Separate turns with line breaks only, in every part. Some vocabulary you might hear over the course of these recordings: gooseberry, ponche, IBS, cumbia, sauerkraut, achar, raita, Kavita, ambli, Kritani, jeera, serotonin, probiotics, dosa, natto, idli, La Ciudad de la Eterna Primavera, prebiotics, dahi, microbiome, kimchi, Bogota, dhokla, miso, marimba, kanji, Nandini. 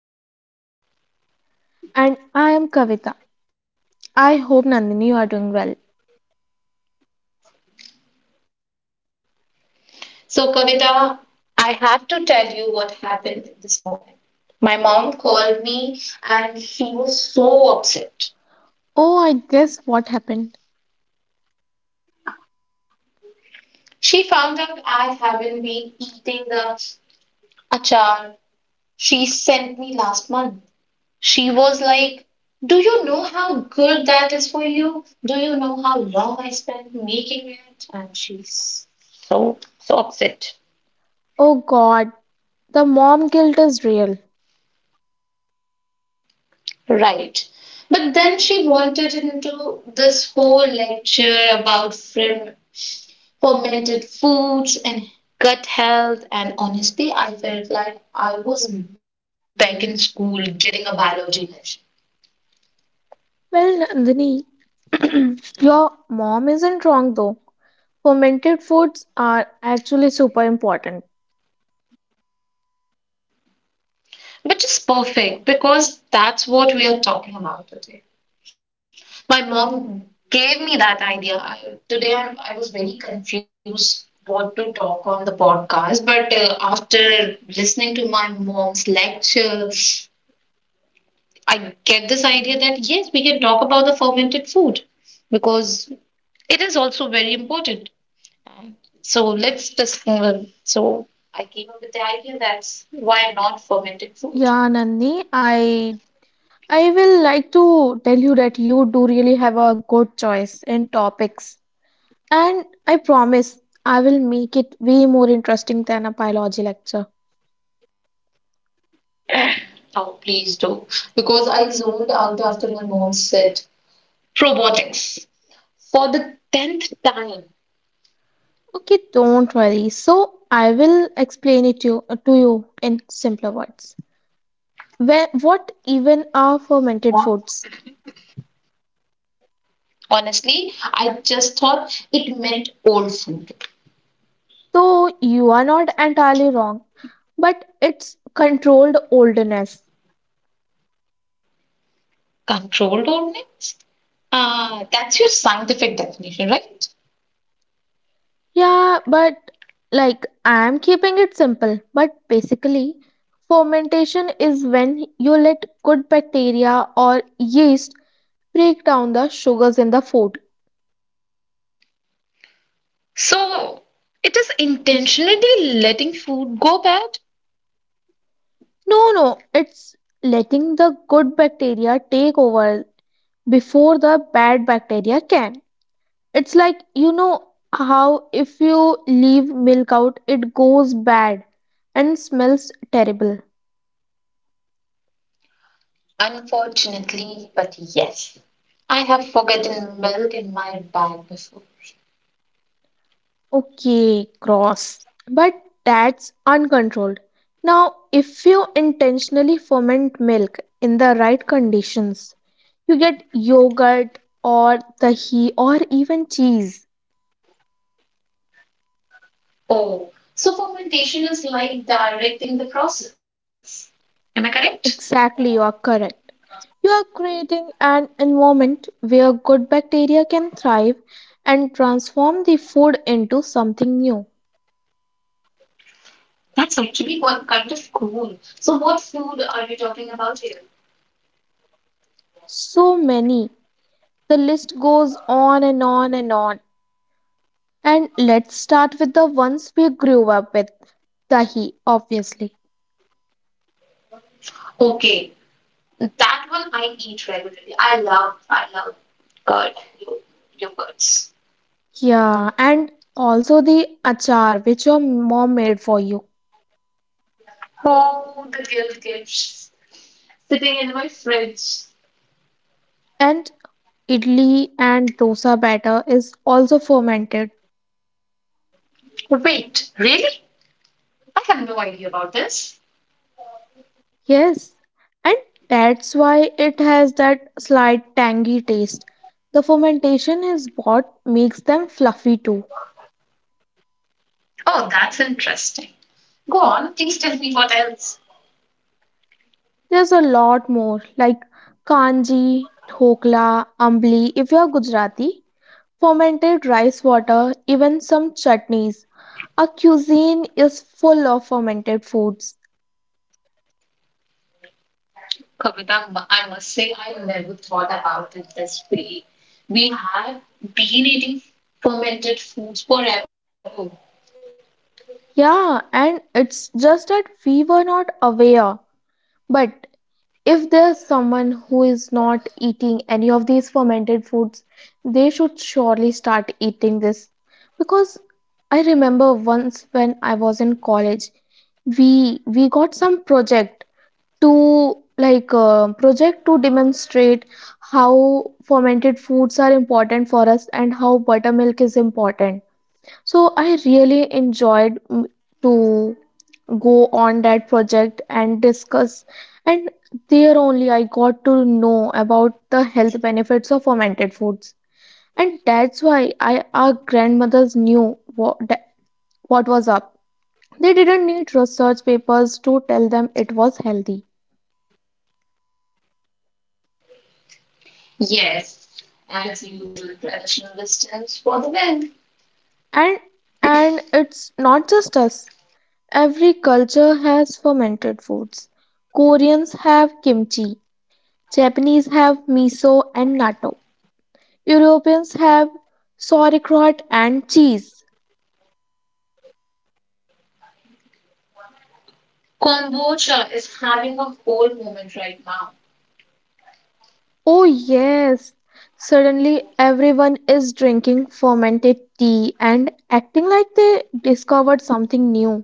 and welcome back. I am Nandini.
And I am Kavita. I hope Nandini you are doing well.
So Kavita, I have to tell you what happened this morning. My mom called me and she was so upset.
Oh I guess what happened?
She found out I haven't been eating the achar she sent me last month. She was like, "Do you know how good that is for you? Do you know how long I spent making it?" And she's so so upset.
Oh god, the mom guilt is real.
Right. But then she wanted into this whole lecture about fermented foods and gut health. And honestly, I felt like I was back in school getting a biology lesson,
Well, Nandini, your mom isn't wrong though. Fermented foods are actually super important.
which is perfect because that's what we are talking about today. My mom gave me that idea. Today, I was very confused what to talk on the podcast, but after listening to my mom's lecture, I get this idea that yes, we can talk about the fermented food because it is also very important. So let's just so I came up with the idea that why not fermented food?
Yeah, Nandini, I will like to tell you that you do really have a good choice in topics. And I promise I will make it way more interesting than a biology lecture.
Oh, please do. Because I zoned out after my mom said probiotics for the 10th time.
Okay, don't worry. So I will explain to you in simpler words. Where, what even are fermented
Hon-
foods?
Honestly, I just thought it meant old food.
So you are not entirely wrong, but it's controlled oldness.
Controlled old mix? Ah, that's your scientific definition, right?
Yeah, but like I am keeping it simple. But basically, fermentation is when you let good bacteria or yeast break down the sugars in the food.
So it is intentionally letting food go bad?
No, no, it's letting the good bacteria take over before the bad bacteria can. It's like you know how if you leave milk out, it goes bad and smells terrible.
Unfortunately, but yes, I have forgotten milk in my bag before.
Okay, gross. But that's uncontrolled. Now, if you intentionally ferment milk in the right conditions, you get yogurt or dahi or even cheese.
Oh, so fermentation is like directing the process. Am I correct?
Exactly, you are correct. You are creating an environment where good bacteria can thrive and transform the food into something new.
That's actually one kind of cool. So what food are you talking about here?
So many. The list goes on and on and on. And let's start with the ones we grew up with. Dahi, obviously.
Okay, that one I eat regularly. I love curd, yogurts.
Yeah, and also the achar which your mom made for you.
Oh, the guilt gifts sitting in my fridge.
And idli and dosa batter is also fermented.
Wait, really? I have no idea about this.
Yes, and that's why it has that slight tangy taste. The fermentation is what makes them fluffy too.
Oh, that's interesting. Go on, please tell me what else.
There's a lot more like kanji, dhokla, ambli if you're Gujarati, fermented rice water, even some chutneys. Our cuisine is full of fermented foods.
Kavita, I must say, I never thought about it this way. We have been eating fermented foods forever.
Yeah, and it's just that we were not aware. But if there's someone who is not eating any of these fermented foods, they should surely start eating this. Because I remember once when I was in college, we got some project to project to demonstrate how fermented foods are important for us and how buttermilk is important. So I really enjoyed, to go on that project and discuss, and there only I got to know about the health benefits of fermented foods. And that's why, I our grandmothers knew what was up. They didn't need research papers to tell them it was healthy.
Yes, as usual, traditional wisdoms for the win.
And and it's not just us, every culture has fermented foods. Koreans have kimchi, Japanese have miso and natto, Europeans have sauerkraut and cheese.
Kombucha is having a whole moment right now,
Oh, yes. Suddenly, everyone is drinking fermented tea and acting like they discovered something new.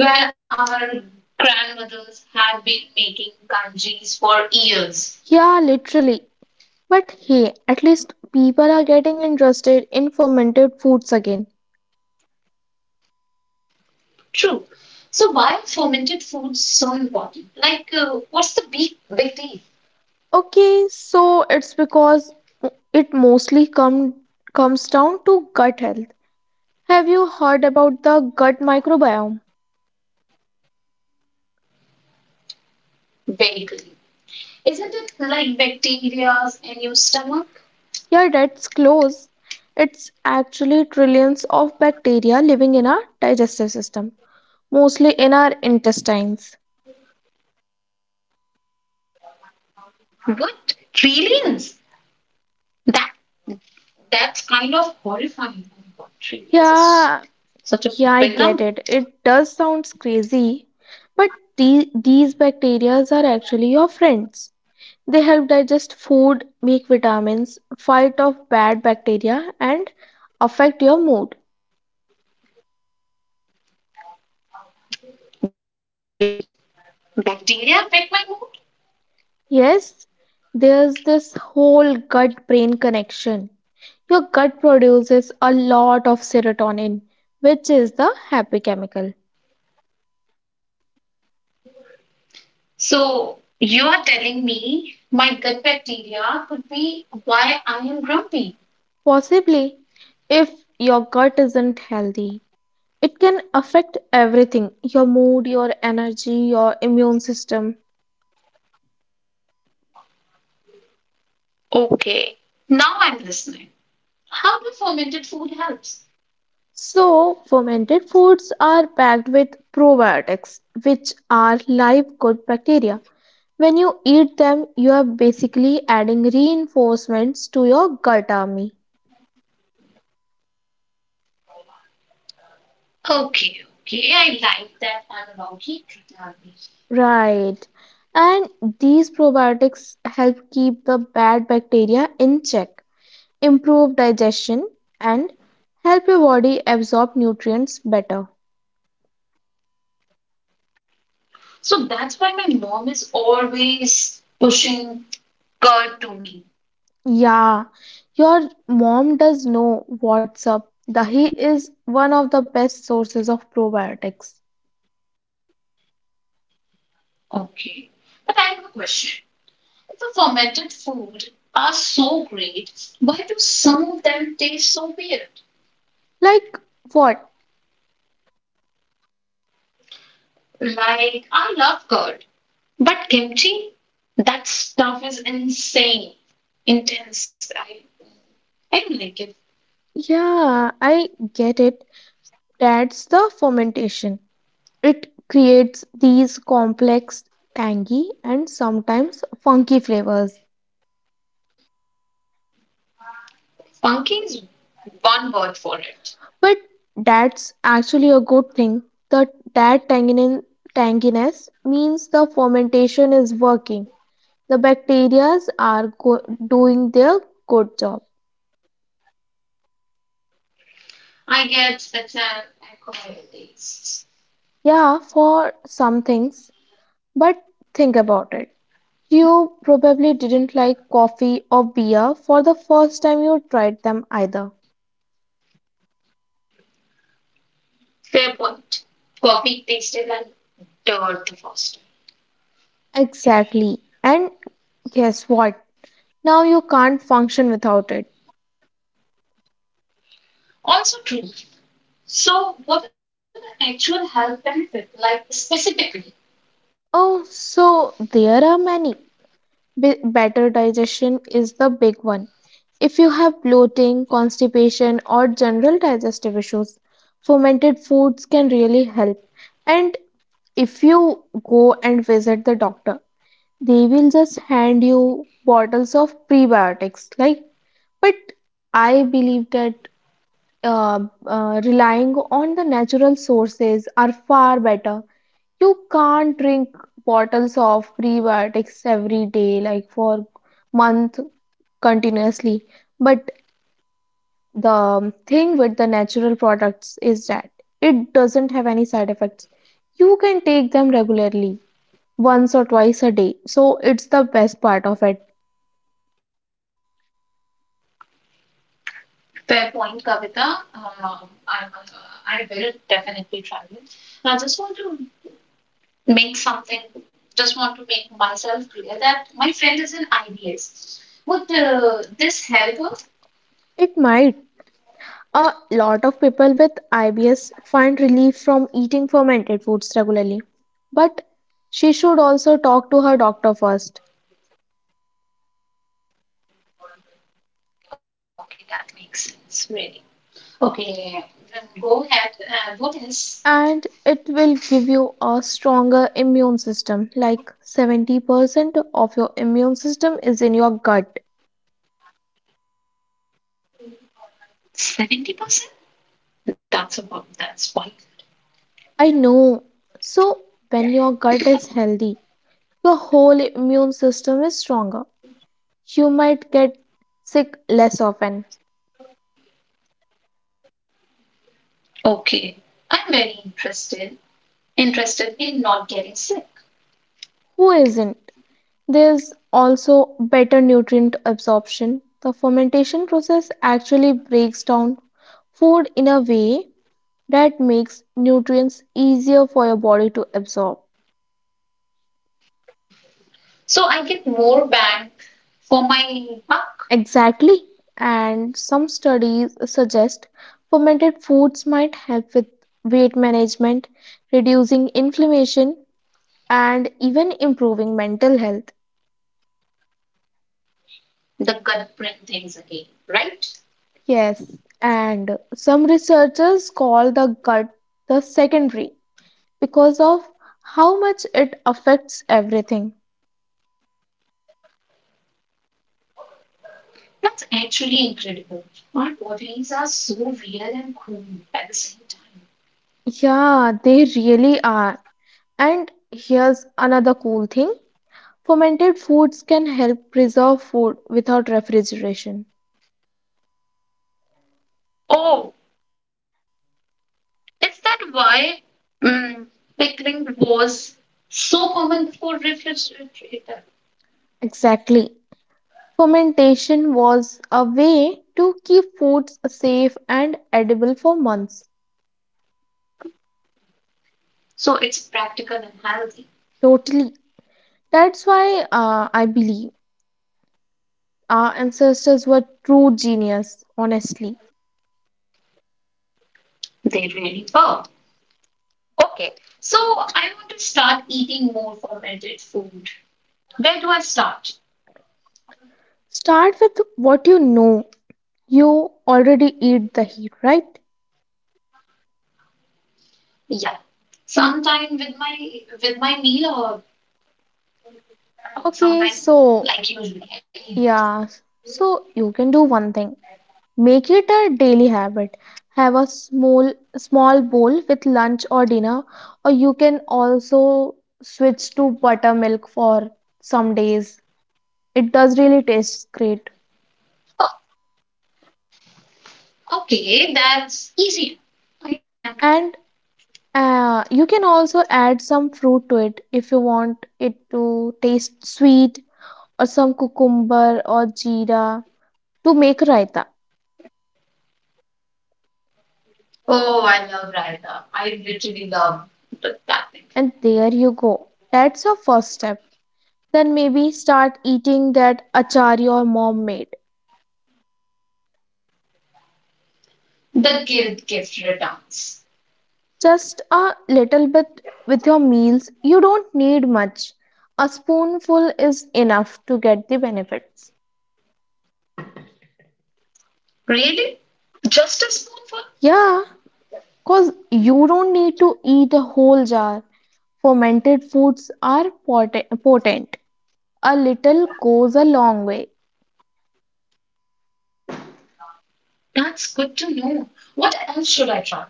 where our grandmothers have been making kanjis for years.
Yeah, literally. But hey, at least people are getting interested in fermented foods again.
True. So why are fermented foods so important? Like, what's the big deal?
Okay, so it's because it comes down to gut health. Have you heard about the gut microbiome?
Basically, isn't it like bacteria in your stomach?
Yeah, that's close. It's actually trillions of bacteria living in our digestive system, mostly in our intestines.
What trillions? That that's kind of horrifying. Oh my God, trillions is
Yeah,
such
yeah,
a
I get
big
it.
number.
It does sound crazy, but these bacteria are actually your friends. They help digest food, make vitamins, fight off bad bacteria, and affect your mood.
Wait, bacteria affect my mood?
Yes, there's this whole gut brain connection. Your gut produces a lot of serotonin, which is the happy chemical.
So you are telling me my gut bacteria could be why I am grumpy?
Possibly, if your gut isn't healthy, it can affect everything, your mood, your energy, your immune system.
Okay, now I'm listening. How do fermented food helps?
So, fermented foods are packed with probiotics, which are live good bacteria. When you eat them, you are basically adding reinforcements to your gut army.
Okay, okay. I like that analogy, Kritani.
Right. And these probiotics help keep the bad bacteria in check, improve digestion, and help your body absorb nutrients better.
So that's why my mom is always pushing curd to me.
Yeah, your mom does know what's up. Dahi is one of the best sources of probiotics.
Okay. But I have a question. If the fermented food are so great, why do some of them taste so weird?
Like what?
Like, I love curd, but kimchi, that stuff is intense. I don't like it.
Yeah, I get it. That's the fermentation. It creates these complex, tangy, and sometimes funky flavors.
Funky is one word for it.
But that's actually a good thing. The, that tanginin, tanginess means the fermentation is working. The bacteria are doing their good job.
I get such an alcohol taste.
Yeah, for some things, but think about it. You probably didn't like coffee or beer for the first time you tried them either.
Fair point. Coffee tasted like dirt to Foster.
Exactly. And guess what? Now you can't function without it.
Also true. So, what are the actual health benefits, like specifically?
Oh, so there are many. Better digestion is the big one. If you have bloating, constipation, or general digestive issues, fermented foods can really help. And if you go and visit the doctor, they will just hand you bottles of prebiotics. Like, but I believe that, uh, relying on the natural sources are far better. You can't drink bottles of prebiotics every day, like for month continuously. But the thing with the natural products is that it doesn't have any side effects. You can take them regularly, once or twice a day. So it's the best part of it.
Fair point, Kavita. Um, I, I will definitely try it. I just want to make something, just want to make myself clear that my friend is an IBS. Would this help her?
It might. A lot of people with IBS find relief from eating fermented foods regularly. But she should also talk to her doctor first.
Okay, that makes sense, really. Okay, then go ahead. What is
And it will give you a stronger immune system. Like 70% of your immune system is in your gut.
70%? That's about that spike.
I know. So, when your gut is healthy, your whole immune system is stronger. You might get sick less often.
Okay. I'm very interested in not getting sick.
Who isn't? There is also better nutrient absorption. The fermentation process actually breaks down food in a way that makes nutrients easier for your body to absorb.
So I get more bang for my buck,
Exactly. And some studies suggest fermented foods might help with weight management, reducing inflammation, and even improving mental health.
the gut brain things again, right?
Yes, and some researchers call the gut the second brain because of how much it affects everything.
That's actually incredible. Our bodies are so weird and cool at the same time.
Yeah, they really are. And here's another cool thing, fermented foods can help preserve food without refrigeration.
Oh, is that why mm, pickling was so common before refrigerator?
Exactly. Fermentation was a way to keep foods safe and edible for months.
So it's practical and healthy.
Totally. That's why, I believe our ancestors were true genius, honestly.
They really were. Okay, so I want to start eating more fermented food. Where do I start?
Start with what you know. You already eat the heat, right?
Yeah, sometime with my meal or oh,
Okay,
sometime
so
like usually. I mean,
yeah, so you can do one thing. Make it a daily habit. Have a small small bowl with lunch or dinner, or you can also switch to buttermilk for some days. It does really taste great.
oh, okay, that's easy. I can do that.
And you can also add some fruit to it if you want it to taste sweet, or some cucumber or jeera to make raita.
Oh, I love Raita. I literally love that thing.
And there you go. That's your first step. Then maybe start eating that achar your mom made.
The guilt gift returns.
Just a little bit with your meals. You don't need much. A spoonful is enough to get the benefits.
Really? Just a spoonful?
Yeah, because you don't need to eat a whole jar. Fermented foods are potent. A little goes a long way.
That's good to know. What else should I try?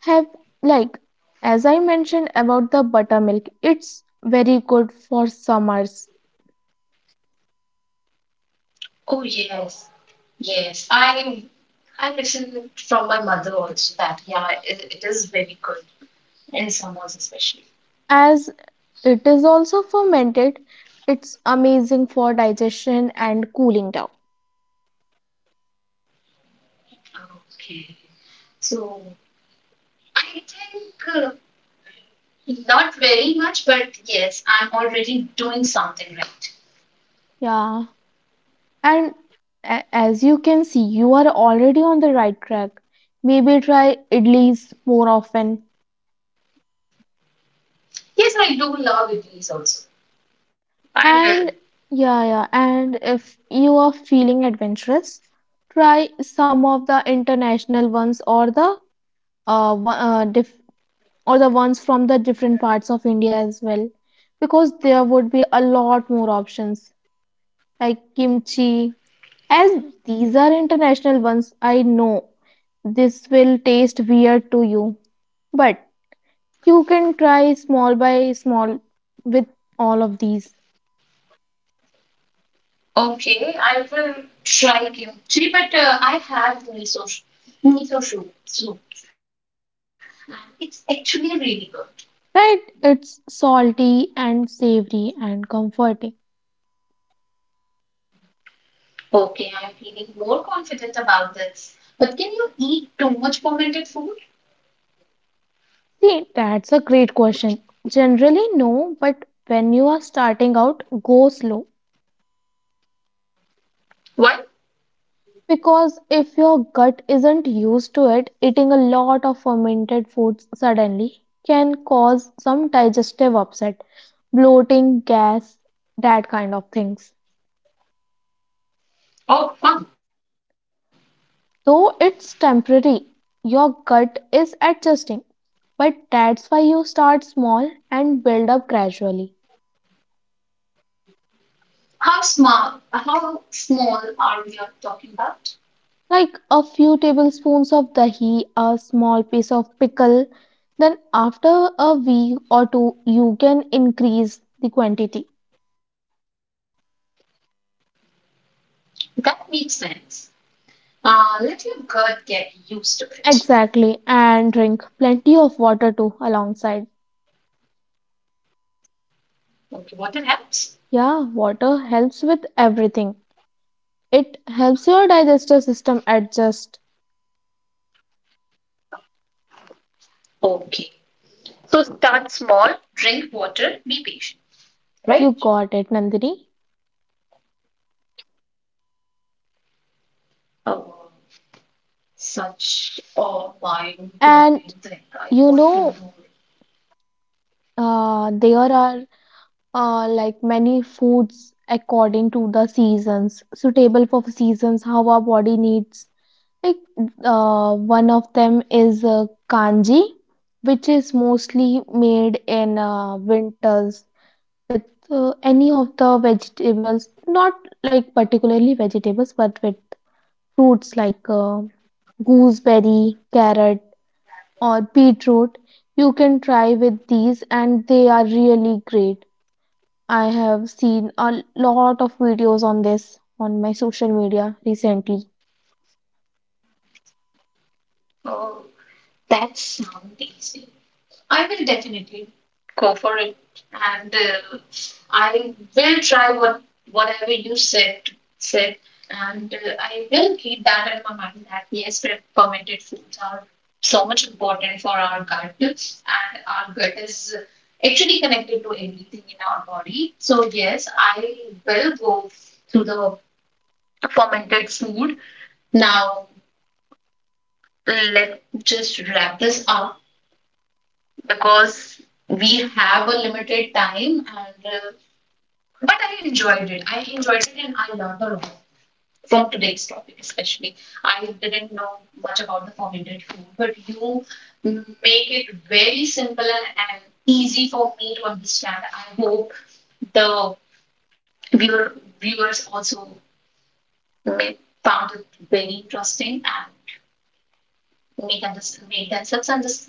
Have, like, as I mentioned about the buttermilk, it's very good for summers.
Oh yes, yes, I listen from my mother also that yeah, it is very good in summers especially.
As it is also fermented, it's amazing for digestion and cooling down.
Okay. So I think not very much, but yes, I'm already doing something right.
Yeah, and as you can see, you are already on the right track. Maybe try idlis more often.
Yes, I do love Idlis also. I will.
And yeah, yeah, and if you are feeling adventurous, try some of the international ones, or the uh, one- uh diff- or the ones from the different parts of India as well, because there would be a lot more options. Like kimchi, as these are international ones, I know this will taste weird to you, but you can try small by small with all of these,
Okay, I will try kimchi, but I have miso soup. So it's actually really good.
right? It's salty and savory and comforting.
Okay, I'm feeling more confident about this. But can you eat too much fermented food?
See, that's a great question. Generally, no, but when you are starting out, go slow.
Why?
Because if your gut isn't used to it, eating a lot of fermented foods suddenly can cause some digestive upset, bloating, gas, that kind of things.
Oh, fun.
Though it's temporary, your gut is adjusting. But that's why you start small and build up gradually.
How small are we are talking about?
Like a few tablespoons of dahi, a small piece of pickle, then after a week or two, you can increase the quantity.
That makes sense. Let your gut get used to it.
Exactly, and drink plenty of water too alongside.
Okay, water helps.
Yeah, water helps with everything. It helps your digestive system adjust.
Okay, so start small, drink water, be patient,
You
right?
got it, Nandini.
Oh, such a mind-blowing
And
thing. I got
you
to know
know,
it.
there are, like many foods according to the seasons, suitable for seasons, how our body needs. Like, one of them is, kanji, which is mostly made in winters with, any of the vegetables, not like particularly vegetables, but with fruits like, gooseberry, carrot, or beetroot. You can try with these, and they are really great. I have seen a lot of videos on this on my social media recently.
Oh, that sounds tasty. I will definitely go for it, and I will try whatever you said, and I will keep that in my mind that yes, fermented foods are so much important for our gut, and our gut is actually connected to everything in our body. So yes, I will go through the fermented food. Now let's just wrap this up because we have a limited time and but I enjoyed it and I learned a lot from today's topic, especially I didn't know much about the fermented food, but you make it very simple and easy for me to understand. I hope the viewer, viewers also may, found it very interesting and make, under, make themselves understand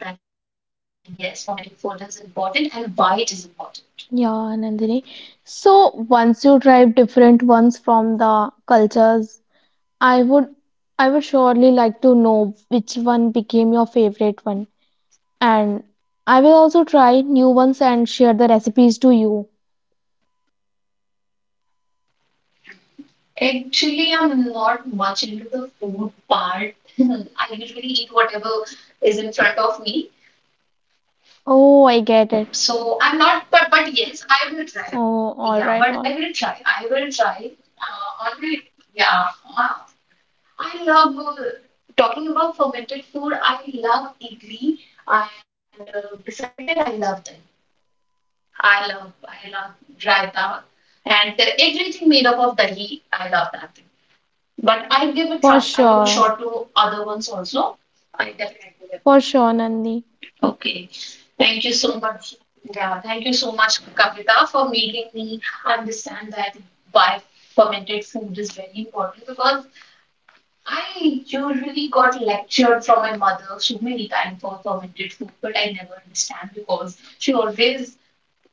that yes, fermented food is important and why it is important.
Yeah, Nandini. So once you try different ones from the cultures, I would I would surely like to know which one became your favorite one. And I will also try new ones and share the recipes to you.
Actually, I'm not much into the food part. I usually eat whatever is in front of me.
Oh, I get it.
So I'm not, but yes, I will try.
Oh,
Yeah, but
all
I
right,
will
all right.
try. I will try. All right. Yeah. Uh, I love talking about fermented food. I love idli, and besides that, I love them. I love raita, and everything made up of dahi. I love that. But I'll give a
For
try. I'll give a
sure.
shot to other ones also. I definitely
For sure, Nandi.
will. Okay. Thank you so much. Yeah, thank you so much, Kavita, for making me understand that why fermented food is very important, because I usually got lectured from my mother so many times for fermented food, but I never understand because she always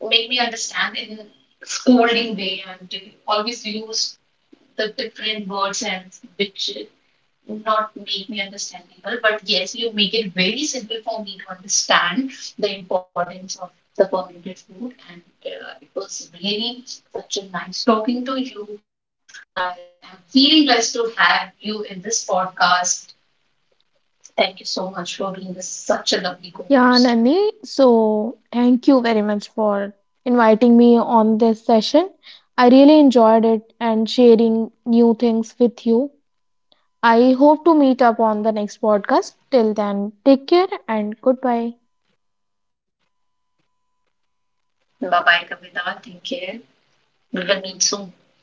made me understand in scolding way and always use the different words, and which would not make me understandable, but yes, you make it very simple for me to understand the importance of the fermented food. And it was really such a nice talking to you. I am feeling blessed to have you in this podcast. Thank you so much for being this, such a lovely co
Yeah,
host.
Nandi. So, thank you very much for inviting me on this session. I really enjoyed it and sharing new things with you. I hope to meet up on the next podcast. Till then, take care and goodbye.
Bye bye, Kavita. Take care. We will meet soon.